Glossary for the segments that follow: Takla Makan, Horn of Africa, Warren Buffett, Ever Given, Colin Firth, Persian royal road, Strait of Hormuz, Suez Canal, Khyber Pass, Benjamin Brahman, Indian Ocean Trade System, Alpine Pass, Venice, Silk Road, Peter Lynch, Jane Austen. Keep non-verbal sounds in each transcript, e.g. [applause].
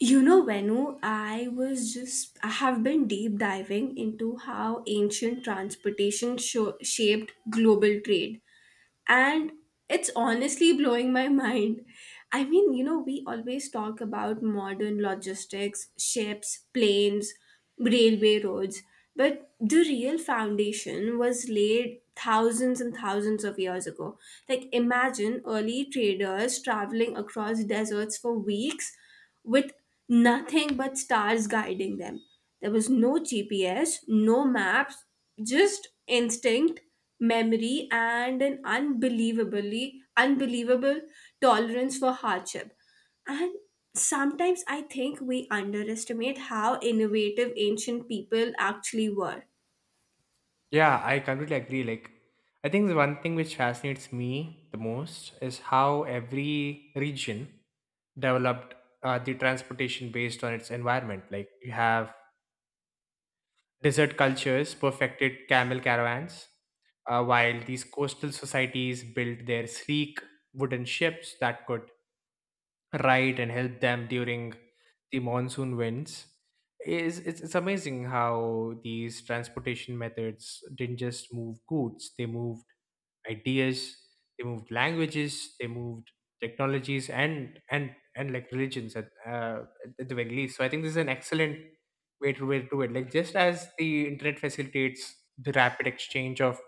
You know, Venu, I have been deep diving into how ancient transportation shaped global trade and it's honestly blowing my mind. I mean, you know, we always talk about modern logistics, ships, planes, railway roads, but the real foundation was laid thousands and thousands of years ago. Like, imagine early traders traveling across deserts for weeks with nothing but stars guiding them. There was no GPS, no maps, just instinct memory and an unbelievably unbelievable tolerance for hardship, and sometimes I think we underestimate how innovative ancient people actually were. Yeah, I completely agree. Like, I think the one thing which fascinates me the most is how every region developed the transportation based on its environment. Like, you have desert cultures perfected camel caravans, while these coastal societies built their sleek wooden ships that could right and help them during the monsoon winds It's amazing how these transportation methods didn't just move goods, they moved ideas, they moved languages, they moved technologies, and like religions at the very least. So I think this is an excellent way to do it, like just as the internet facilitates the rapid exchange of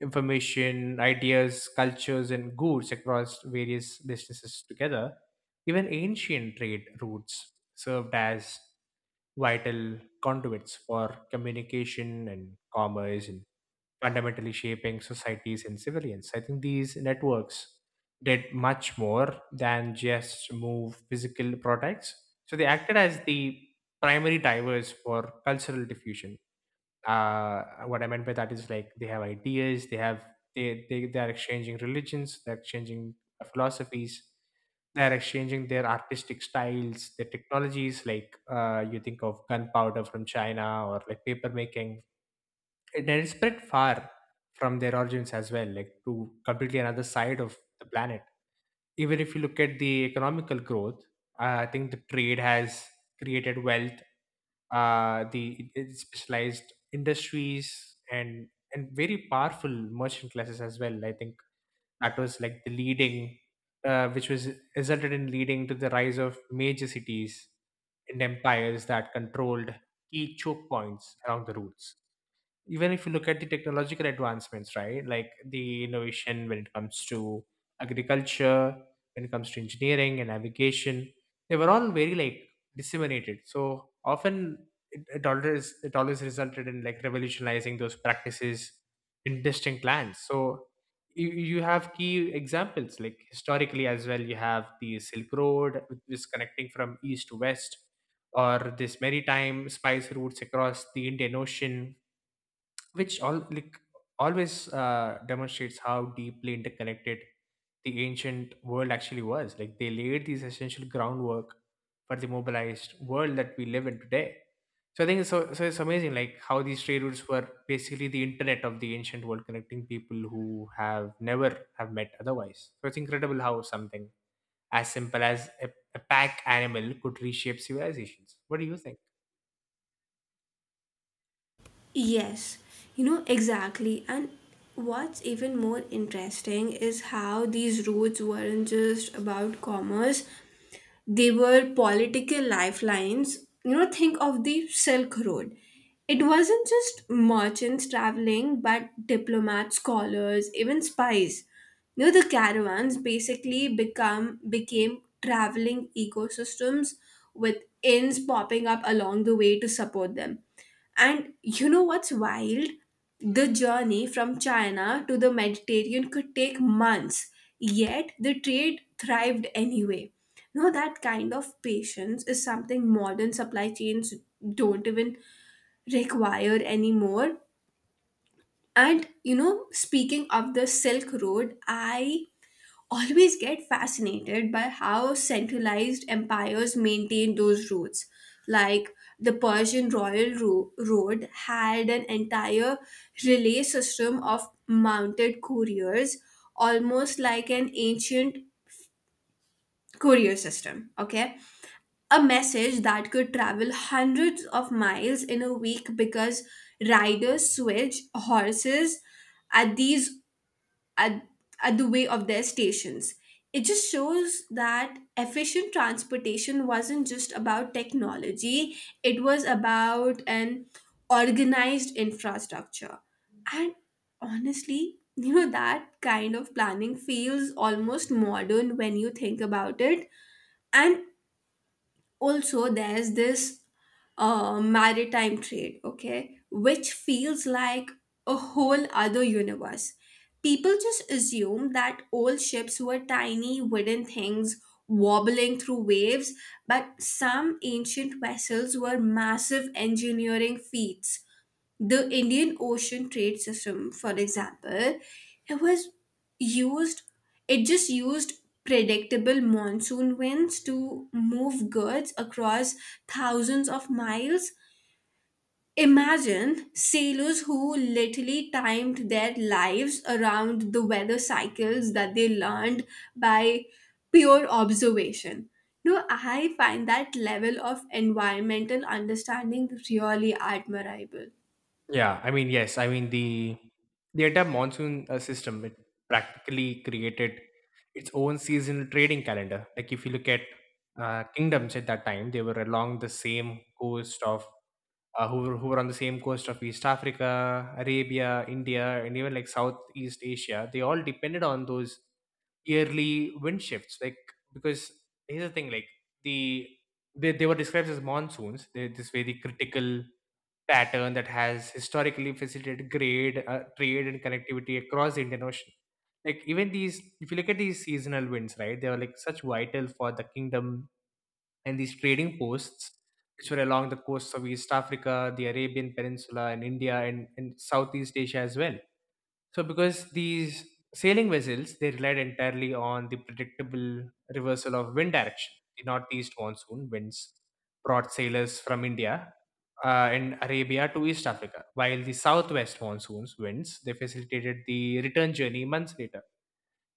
information, ideas, cultures and goods across various distances together, even ancient trade routes served as vital conduits for communication and commerce and fundamentally shaping societies and civilians. I think these networks did much more than just move physical products. So they acted as the primary drivers for cultural diffusion. What I meant by that is like they have ideas, they have they are exchanging religions, they're exchanging philosophies, they're exchanging their artistic styles, their technologies. Like you think of gunpowder from China or like paper making, it is spread far from their origins as well, like to completely another side of the planet. Even if you look at the economical growth, I think the trade has created wealth, the specialized industries and very powerful merchant classes as well. I think that was like the leading, which was resulted in leading to the rise of major cities and empires that controlled key choke points along the routes. Even if you look at the technological advancements, right? Like the innovation when it comes to agriculture, when it comes to engineering and navigation, they were all very like disseminated. So often it always resulted in like revolutionizing those practices in distinct lands. So you have key examples like historically as well. You have the Silk Road, which is connecting from east to west, or this maritime spice routes across the Indian Ocean, which all like always demonstrates how deeply interconnected the ancient world actually was. Like they laid these essential groundwork for the mobilized world that we live in today. So I think so it's amazing like how these trade routes were basically the internet of the ancient world, connecting people who have never have met otherwise. So it's incredible how something as simple as a pack animal could reshape civilizations. What do you think? Yes, you know, exactly. And what's even more interesting is how these routes weren't just about commerce, they were political lifelines. You know, think of the Silk Road. It wasn't just merchants traveling, but diplomats, scholars, even spies. You know, the caravans basically become became traveling ecosystems with inns popping up along the way to support them. And you know what's wild? The journey from China to the Mediterranean could take months, yet the trade thrived anyway. Now, that kind of patience is something modern supply chains don't even require anymore. And you know, speaking of the Silk Road, I always get fascinated by how centralized empires maintained those roads. Like the Persian royal road had an entire relay system of mounted couriers, almost like an ancient courier system. Okay, a message that could travel hundreds of miles in a week because riders switch horses at these at, at the way of their stations. It just shows that efficient transportation wasn't just about technology, it was about an organized infrastructure. And honestly, you know, that kind of planning feels almost modern when you think about it. And also, there's this maritime trade, okay, which feels like a whole other universe. People just assume that old ships were tiny wooden things wobbling through waves, but some ancient vessels were massive engineering feats. The Indian Ocean Trade System, for example, it was used, it just used predictable monsoon winds to move goods across thousands of miles. Imagine sailors who literally timed their lives around the weather cycles that they learned by pure observation. No, I find that level of environmental understanding really admirable. Yeah, I mean, yes, I mean the entire monsoon system, it practically created its own seasonal trading calendar. Like if you look at kingdoms at that time, they were along the same coast of who were on the same coast of East Africa, Arabia, India, and even like Southeast Asia. They all depended on those yearly wind shifts, like, because here's the thing, like the they were described as monsoons, they this very critical pattern that has historically facilitated grade trade and connectivity across the Indian Ocean. Like even these, if you look at these seasonal winds, right, they were like such vital for the kingdom and these trading posts which were along the coasts of East Africa, the Arabian Peninsula and India, and Southeast Asia as well. So, because these sailing vessels, they relied entirely on the predictable reversal of wind direction. The northeast monsoon winds brought sailors from India and Arabia to East Africa, while the southwest monsoons winds they facilitated the return journey months later.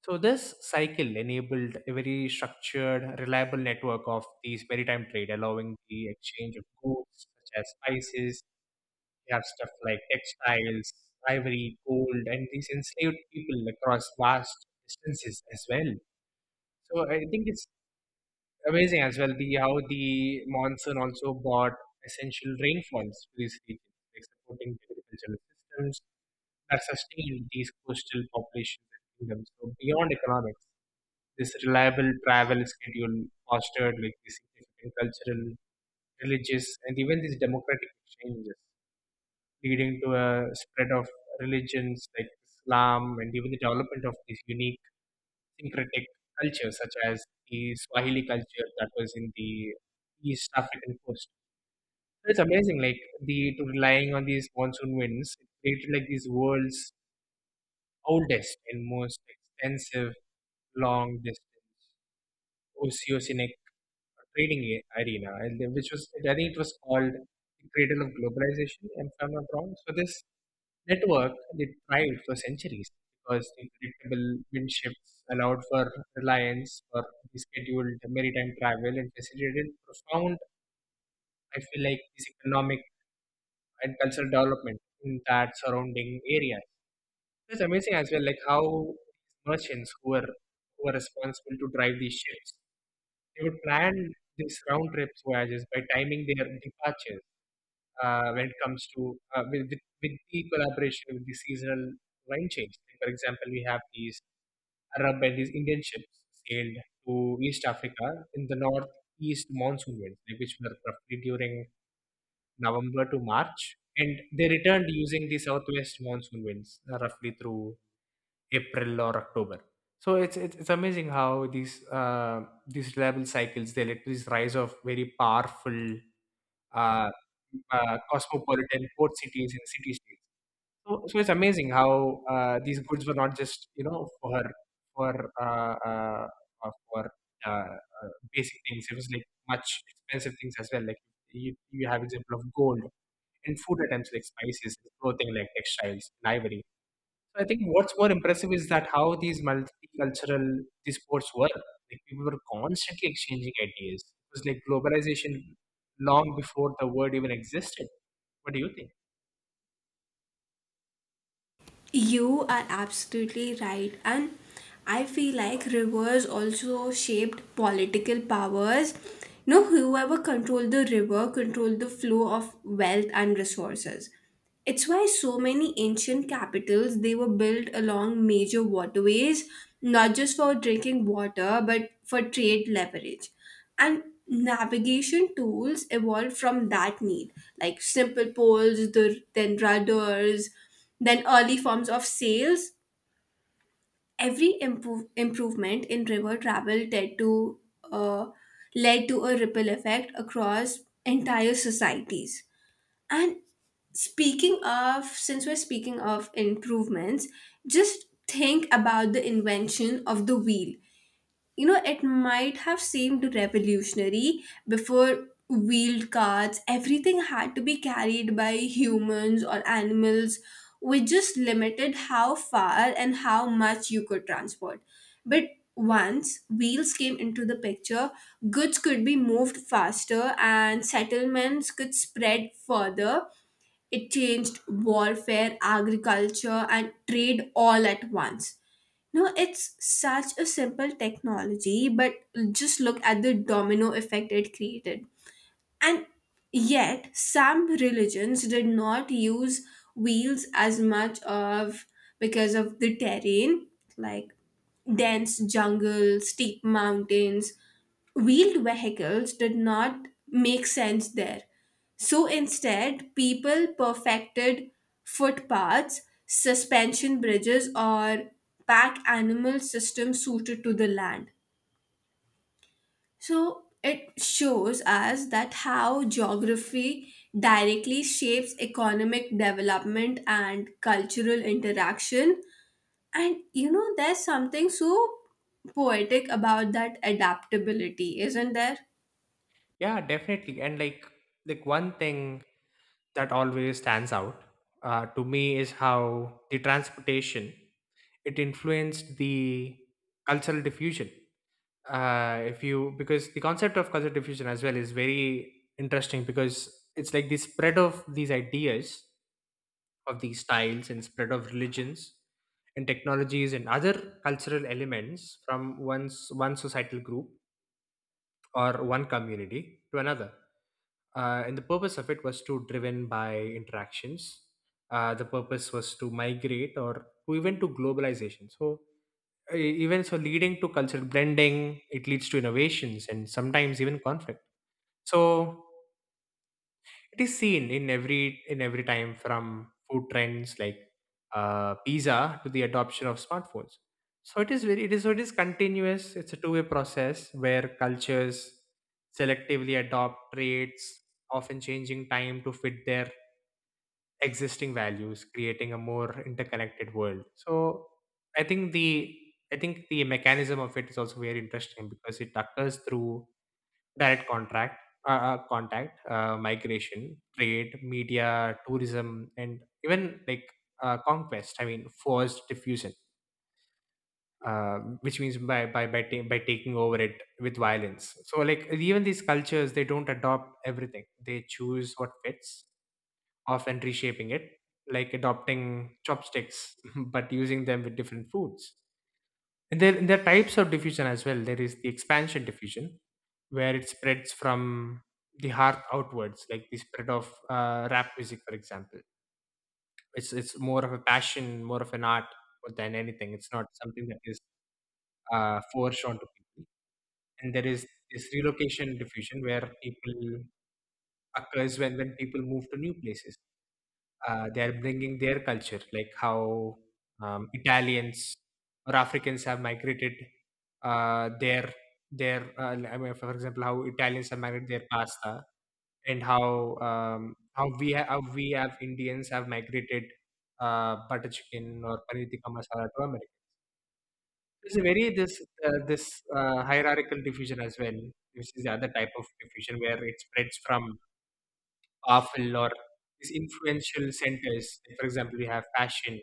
So, this cycle enabled a very structured, reliable network of these maritime trade, allowing the exchange of goods such as spices, they have stuff like textiles, ivory, gold, and these enslaved people across vast distances as well. So I think it's amazing as well, the how the monsoon also brought essential rainfalls to these regions, like supporting the agricultural systems that sustained these coastal populations and kingdoms. So beyond economics, this reliable travel schedule fostered like these significant cultural, religious, and even these democratic exchanges, leading to a spread of religions like Islam and even the development of these unique syncretic cultures, such as the Swahili culture that was in the East African coast. It's amazing, like the to relying on these monsoon winds, it created like these world's oldest and most extensive long distance oceanic trading arena, and which was, I think it was called, the cradle of globalization, if I'm not wrong. So this network that thrived for centuries because the predictable wind shifts allowed for reliance for the scheduled maritime travel and facilitated profound, I feel like, this economic and cultural development in that surrounding area. It's amazing as well, like how merchants who were responsible to drive these ships, they would plan these round trip voyages by timing their departures when it comes to with the collaboration with the seasonal wine chains. Like, for example, we have these Arab and these Indian ships sailed to East Africa in the northeast monsoon winds, like, which were roughly during November to March, and they returned using the southwest monsoon winds roughly through April or October. So it's amazing how these reliable cycles they led to this rise of very powerful uh, cosmopolitan port cities and city states. So, so it's amazing how these goods were not just you know for for uh, uh, uh, for uh, basic things. It was like much expensive things as well. Like you have example of gold and food items like spices, clothing like textiles, and ivory. So, I think what's more impressive is that how these multicultural these sports were. Like people were constantly exchanging ideas. It was like globalization long before the word even existed. What do you think? You are absolutely right. And I feel like rivers also shaped political powers. You know, whoever controlled the river controlled the flow of wealth and resources. It's why so many ancient capitals they were built along major waterways, not just for drinking water, but for trade leverage. And navigation tools evolved from that need, like simple poles, then rudders, then early forms of sails. Every improvement in river travel uh, led to a ripple effect across entire societies. And speaking of, since we're speaking of improvements, just think about the invention of the wheel. You know, it might have seemed revolutionary. Before wheeled carts, everything had to be carried by humans or animals, which just limited how far and how much you could transport. But once wheels came into the picture, goods could be moved faster and settlements could spread further. It changed warfare, agriculture, and trade all at once. No, it's such a simple technology, but just look at the domino effect it created. And yet, some religions did not use wheels as much of, because of the terrain, like dense jungle, steep mountains, wheeled vehicles did not make sense there. So instead, people perfected footpaths, suspension bridges, or pack animal systems suited to the land. So it shows us that how geography directly shapes economic development and cultural interaction. And you know, there's something so poetic about that adaptability, isn't there? Yeah, definitely. And like one thing that always stands out to me is how the transportation it influenced the cultural diffusion. If you, because the concept of culture diffusion as well is very interesting, because it's like the spread of these ideas, of these styles, and spread of religions and technologies and other cultural elements from one societal group or one community to another, and the purpose of it was to driven by interactions, the purpose was to migrate or to even to globalization. So even so, leading to cultural blending, it leads to innovations and sometimes even conflict. So it is seen in every time, from food trends like pizza to the adoption of smartphones. So it is very, it is so, it is continuous, it's a two-way process where cultures selectively adopt traits, often changing time to fit their existing values, creating a more interconnected world. So i think the I think the mechanism of it is also very interesting, because it occurs through direct contract contact, migration, trade, media, tourism and even like conquest, I mean forced diffusion, uh, which means by by taking over it with violence. So like, even these cultures they don't adopt everything, they choose what fits, often reshaping it, like adopting chopsticks, [laughs] but using them with different foods. And there are types of diffusion as well. There is the expansion diffusion, where it spreads from the heart outwards, like the spread of rap music, for example. It's more of a passion, more of an art than anything. It's not something that is forced onto people. And there is this relocation diffusion where people occurs when people move to new places, they're bringing their culture, like how Italians or Africans have migrated their their. I mean, for example, how Italians have migrated their pasta, and how how we have Indians have migrated butter chicken or paneer tikka masala to America. There's a very this hierarchical diffusion as well, which is the other type of diffusion where it spreads from powerful or these influential centers. Like, for example, we have fashion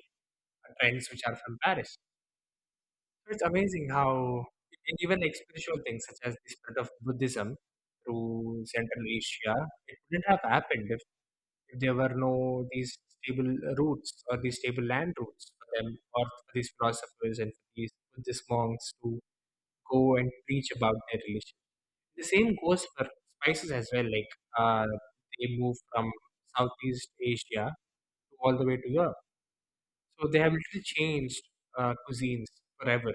trends which are from Paris. So it's amazing how, and even like spiritual things such as the spread of Buddhism through Central Asia, it wouldn't have happened if there were no these stable routes or these stable land routes for them or for these philosophers and for these Buddhist monks to go and preach about their religion. The same goes for spices as well. Like uh, they move from Southeast Asia all the way to Europe. So they have literally changed cuisines forever.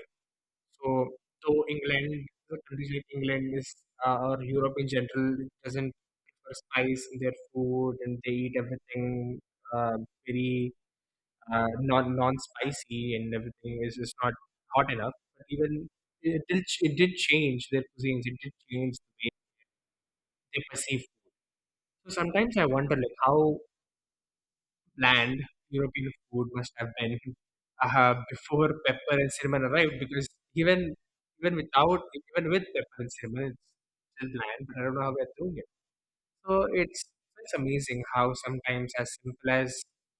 So, though England, countries like England is, or Europe in general, it doesn't prefer spice in their food and they eat everything uh, very non spicy and everything is not hot enough. But even it did change their cuisines. It did change the way they perceive food. So sometimes I wonder like how land, European food must have been before pepper and cinnamon arrived. Because even even without even with pepper and cinnamon, it's still bland. But I don't know how we're doing it. So it's amazing how sometimes as simple as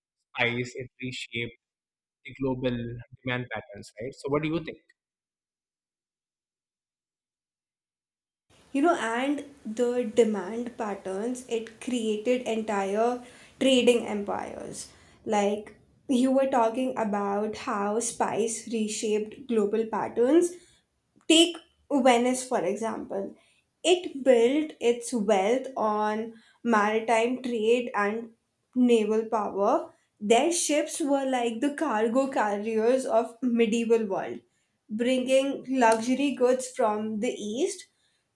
spice it reshaped the global demand patterns, right? So what do you think? You know, and the demand patterns it created entire trading empires. Like, you were talking about how spice reshaped global patterns. Take Venice, for example. It built its wealth on maritime trade and naval power. Their ships were like the cargo carriers of medieval world, bringing luxury goods from the east.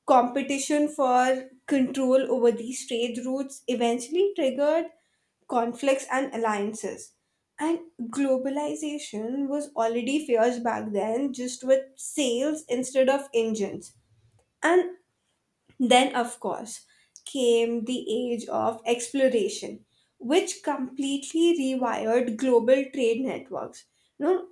Competition for control over these trade routes eventually triggered conflicts and alliances. And globalization was already fierce back then, just with sails instead of engines. And then, of course, came the age of exploration, which completely rewired global trade networks. You know,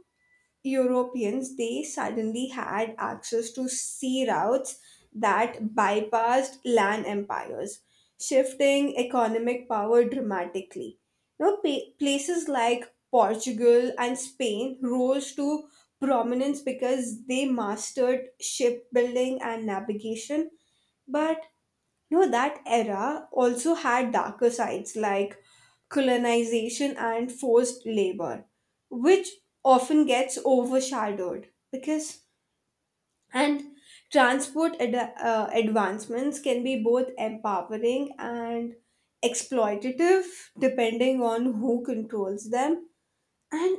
Europeans, they suddenly had access to sea routes that bypassed land empires, shifting economic power dramatically. You know, places like Portugal and Spain rose to prominence because they mastered shipbuilding and navigation, but you know, that era also had darker sides like colonization and forced labor, which often gets overshadowed. Because and transport advancements can be both empowering and exploitative depending on who controls them. And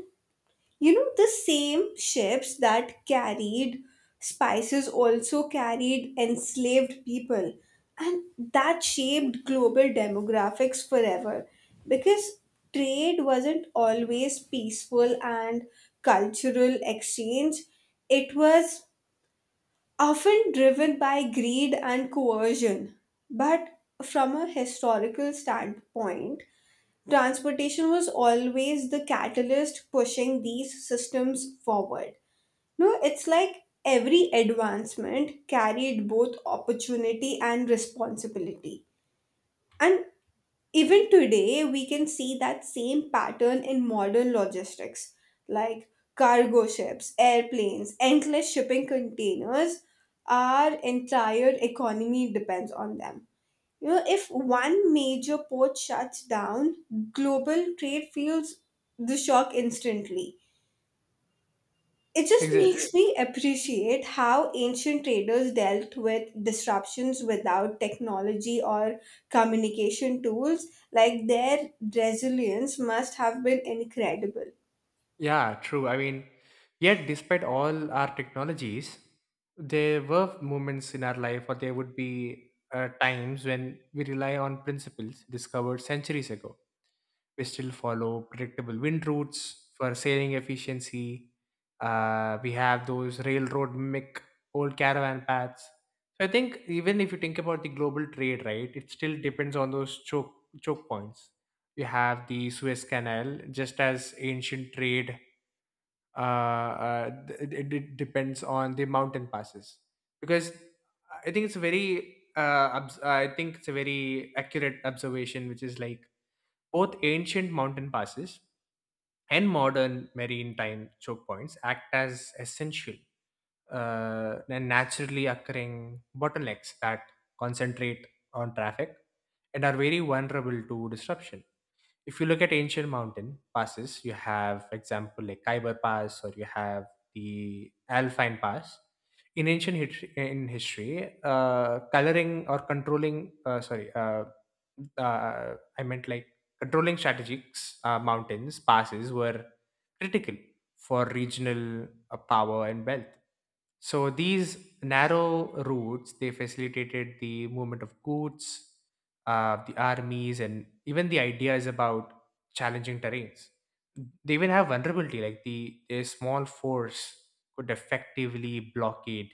you know, the same ships that carried spices also carried enslaved people, and that shaped global demographics forever, because trade wasn't always peaceful and cultural exchange, it was often driven by greed and coercion. But from a historical standpoint, transportation was always the catalyst pushing these systems forward. No, it's like every advancement carried both opportunity and responsibility. And even today, we can see that same pattern in modern logistics, like cargo ships, airplanes, endless shipping containers. Our entire economy depends on them. You know, if one major port shuts down, global trade feels the shock instantly. It just Exactly. makes me appreciate how ancient traders dealt with disruptions without technology or communication tools. Like, their resilience must have been incredible. Yeah, true. I mean, yet despite all our technologies, there were moments in our life, or there would be times when we rely on principles discovered centuries ago. We still follow predictable wind routes for sailing efficiency. We have those railroad mimic old caravan paths. So I think even if you think about the global trade, right, it still depends on those choke points. You have the Suez Canal, just as ancient trade it depends on the mountain passes. Because I think it's a very accurate observation, which is like both ancient mountain passes and modern marine time choke points act as essential and naturally occurring bottlenecks that concentrate on traffic and are very vulnerable to disruption. If you look at ancient mountain passes, you have, example, like Khyber Pass, or you have the Alpine Pass. In ancient history, in history, coloring or controlling, sorry, I meant like Controlling strategics, mountains passes were critical for regional power and wealth. So these narrow routes they facilitated the movement of goods, the armies, and even the ideas about challenging terrains. They even have vulnerability like the a small force could effectively blockade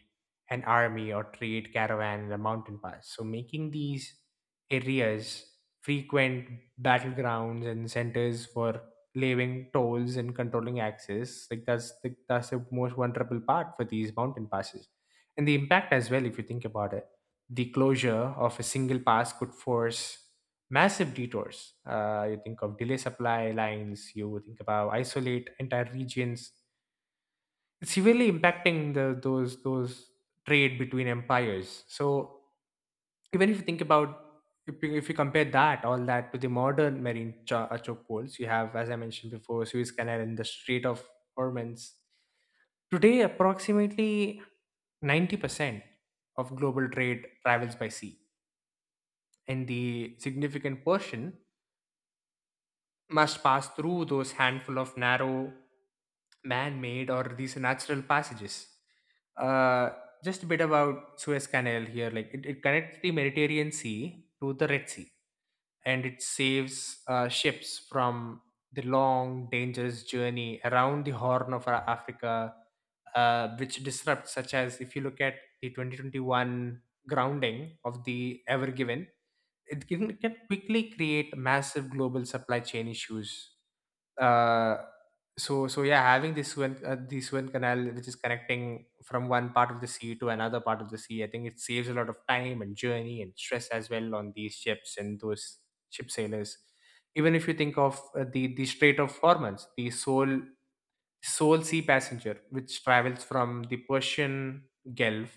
an army or trade caravan in a mountain pass. So making these areas, frequent battlegrounds, and centers for levying tolls and controlling access. Like that's the most vulnerable part for these mountain passes, and the impact as well. If you think about it, the closure of a single pass could force massive detours. You think of delay supply lines. You think about isolate entire regions. It's severely impacting the those trade between empires. So even if you think about if you compare that all that to the modern chokeholds, you have, as I mentioned before, Suez Canal and the Strait of Hormuz. Today approximately 90% of global trade travels by sea, and the significant portion must pass through those handful of narrow man-made or these natural passages. Uh, just a bit about Suez Canal here. It connects the Mediterranean Sea to the Red Sea, and it saves ships from the long, dangerous journey around the Horn of Africa, which disrupts. Such as if you look at the 2021 grounding of the Ever Given, it can quickly create massive global supply chain issues. Uh, so so yeah, having this Suez Canal, which is connecting from one part of the sea to another part of the sea, I think it saves a lot of time and journey and stress as well on these ships and those ship sailors. Even if you think of the Strait of Hormuz, the sole sea passenger, which travels from the Persian Gulf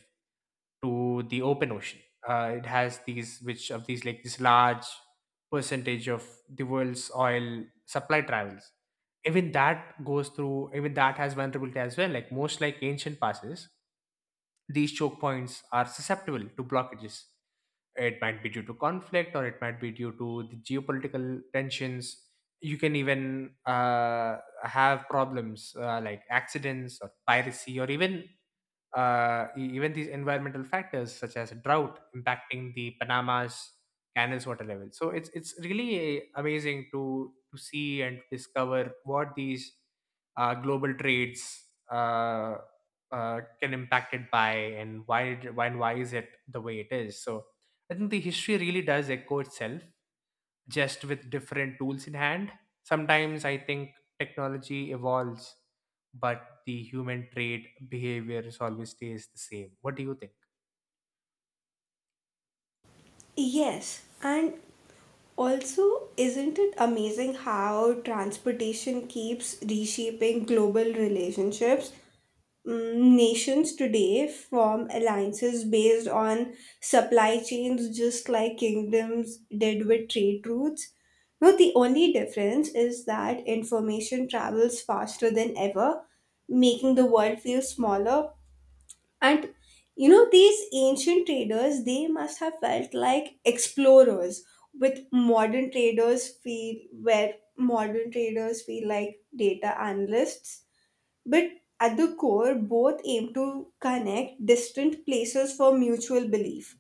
to the open ocean. It has these, which of these like this large percentage of the world's oil supply travels. Even that goes through. Even that has vulnerability as well. Like most like ancient passes, these choke points are susceptible to blockages. It might be due to conflict, or it might be due to the geopolitical tensions. You can even have problems like accidents or piracy, or even even these environmental factors such as drought impacting the Panama's canal's water level. So it's amazing to see and discover what these global trades uh, can impact it by and why and why is it the way it is. So I think the history really does echo itself just with different tools in hand. Sometimes I think technology evolves, but the human trait behaviors always stays the same. What do you think? Yes, and also, isn't it amazing how transportation keeps reshaping global relationships? Mm, nations today form alliances based on supply chains just like kingdoms did with trade routes. Now, the only difference is that information travels faster than ever, making the world feel smaller. And you know, these ancient traders, they must have felt like explorers, with modern traders feel where modern traders feel like data analysts, but at the core, both aim to connect distant places for mutual belief.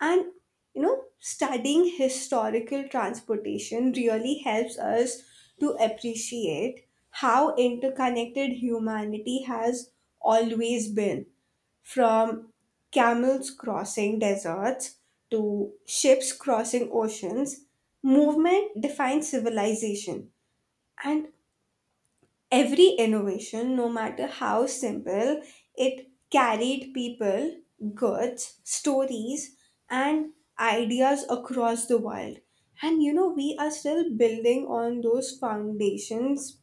And you know, studying historical transportation really helps us to appreciate how interconnected humanity has always been, from camels crossing deserts to ships crossing oceans. Movement defines civilization, and every innovation, no matter how simple, it carried people, goods, stories, and ideas across the world. And you know, we are still building on those foundations,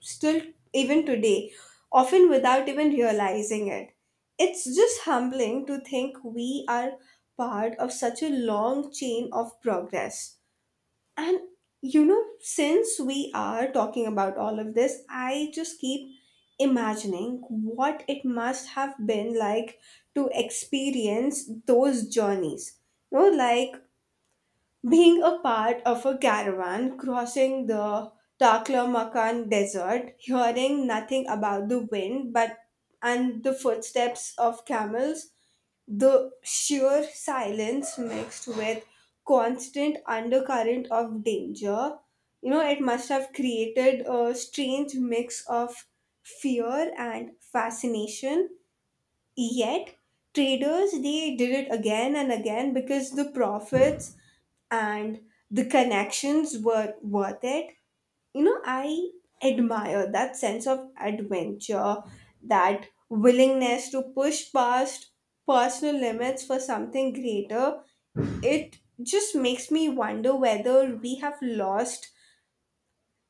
still, even today, often without even realizing it. It's just humbling to think we are part of such a long chain of progress. And you know, since we are talking about all of this, I just keep imagining what it must have been like to experience those journeys. You know, like being a part of a caravan crossing the Takla Makan desert, hearing nothing about the wind but and the footsteps of camels, the sheer silence mixed with constant undercurrent of danger. You know, it must have created a strange mix of fear and fascination. Yet, traders they did it again and again because the profits and the connections were worth it. You know, I admire that sense of adventure, that willingness to push past personal limits for something greater. It just makes me wonder whether we have lost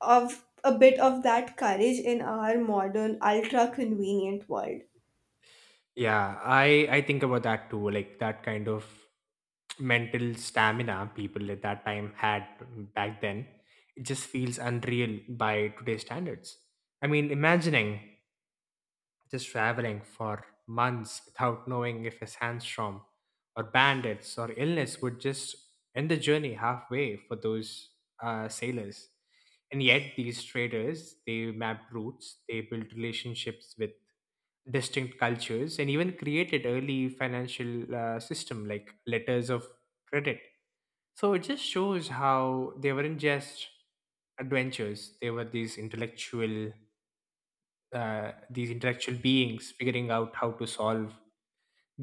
of a bit of that courage in our modern ultra convenient world. Yeah, I think about that too. Like that kind of mental stamina people at that time had back then, it just feels unreal by today's standards. I mean, imagining just traveling for months without knowing if a sandstorm or bandits or illness would just end the journey halfway for those sailors. And yet, these traders they mapped routes, they built relationships with distinct cultures, and even created early financial system like letters of credit. So it just shows how they weren't just adventures; they were these intellectual beings figuring out how to solve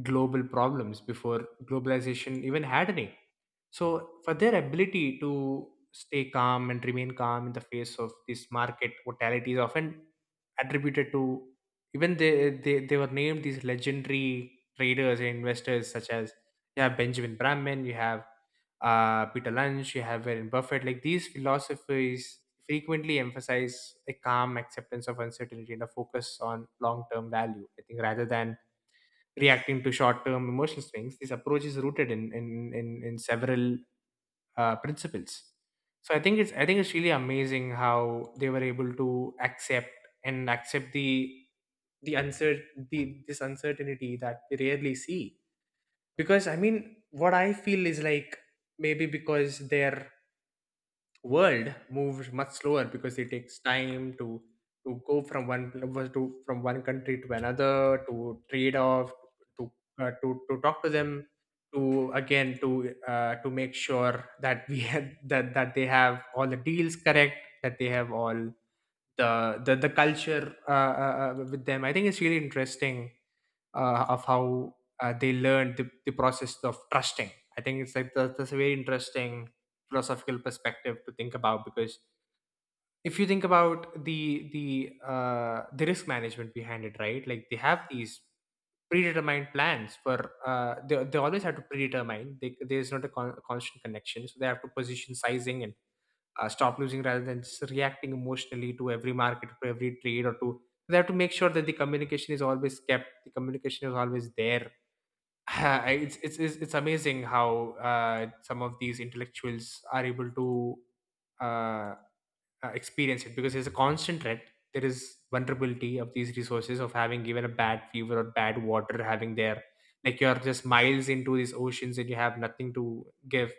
global problems before globalization even had a name. So, for their ability to stay calm and remain calm in the face of this market mortality is often attributed to even they were named these legendary traders and investors, such as you have Benjamin Brahman, you have Peter Lynch, you have Warren Buffett. Like these philosophies frequently emphasize a calm acceptance of uncertainty and a focus on long-term value, I think, rather than reacting to short-term emotional swings. This approach is rooted in several principles. So I think it's really amazing how they were able to accept and accept the uncer the this uncertainty that we rarely see. Because I mean, what I feel is like maybe because their world moves much slower, because it takes time to go from one pl- to from one country to another to trade off to to talk to them to again to make sure that we [laughs] had that that they have all the deals correct, that they have all the the culture with them. I think it's really interesting of how they learned the process of trusting. I think it's like that's a very interesting philosophical perspective to think about. Because if you think about the risk management behind it, right? Like they have these predetermined plans for they always have to predetermine. They, there's not a constant connection, so they have to position sizing and stop losing rather than just reacting emotionally to every market, to every trade, or to they have to make sure that the communication is always there. [laughs] It's amazing how some of these intellectuals are able to uh, experience it, because there's a constant threat. There is vulnerability of these resources of having even a bad fever or bad water, having there, like you're just miles into these oceans and you have nothing to give.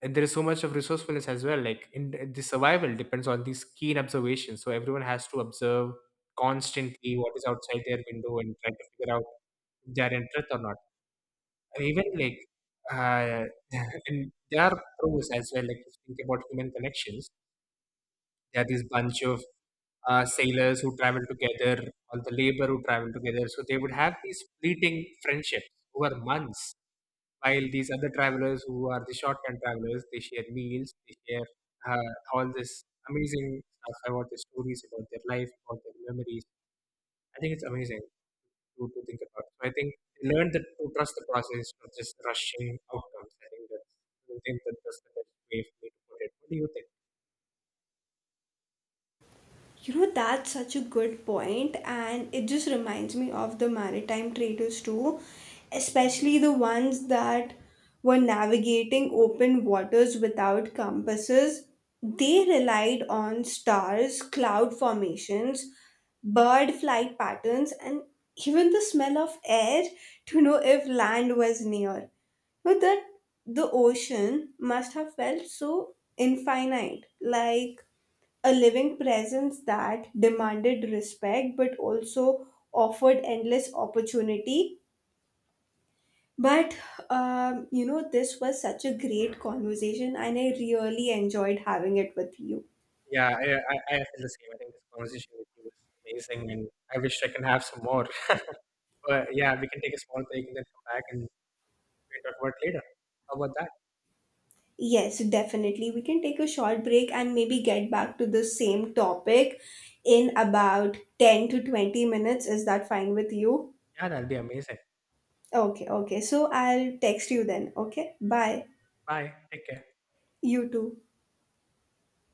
And there is so much of resourcefulness as well. Like in the survival depends on these keen observations. So everyone has to observe constantly what is outside their window and try to figure out if they're in threat or not. Even like uh, [laughs] and there are pros as well. Like if you think about human connections, there are this bunch of sailors who travel together, all the labor who travel together. So they would have these fleeting friendships over months, while these other travelers who are the shorthand travelers, they share meals, they share all this amazing stuff about the stories about their life, about their memories. I think it's amazing to think about. So I think they learn that to trust the process, not just rushing outcomes. I think that that's the best way for me to put it. What do you think? You know, that's such a good point, and it just reminds me of the maritime traders too, especially the ones that were navigating open waters without compasses. They relied on stars, cloud formations, bird flight patterns, and even the smell of air to know if land was near. But that the ocean must have felt so infinite, like a living presence that demanded respect but also offered endless opportunity. But you know, this was such a great conversation and I really enjoyed having it with you. Yeah, I feel the same. I think this conversation with you was amazing, and I wish I can have some more. [laughs] But yeah, we can take a small break and then come back and we'll talk about it later. How about that? Yes, definitely, we can take a short break and maybe get back to the same topic in about 10 to 20 minutes. Is that fine with you? Yeah, that'll be amazing. Okay, okay, so I'll text you then. Okay, Sure. bye. Bye. Take care. You too.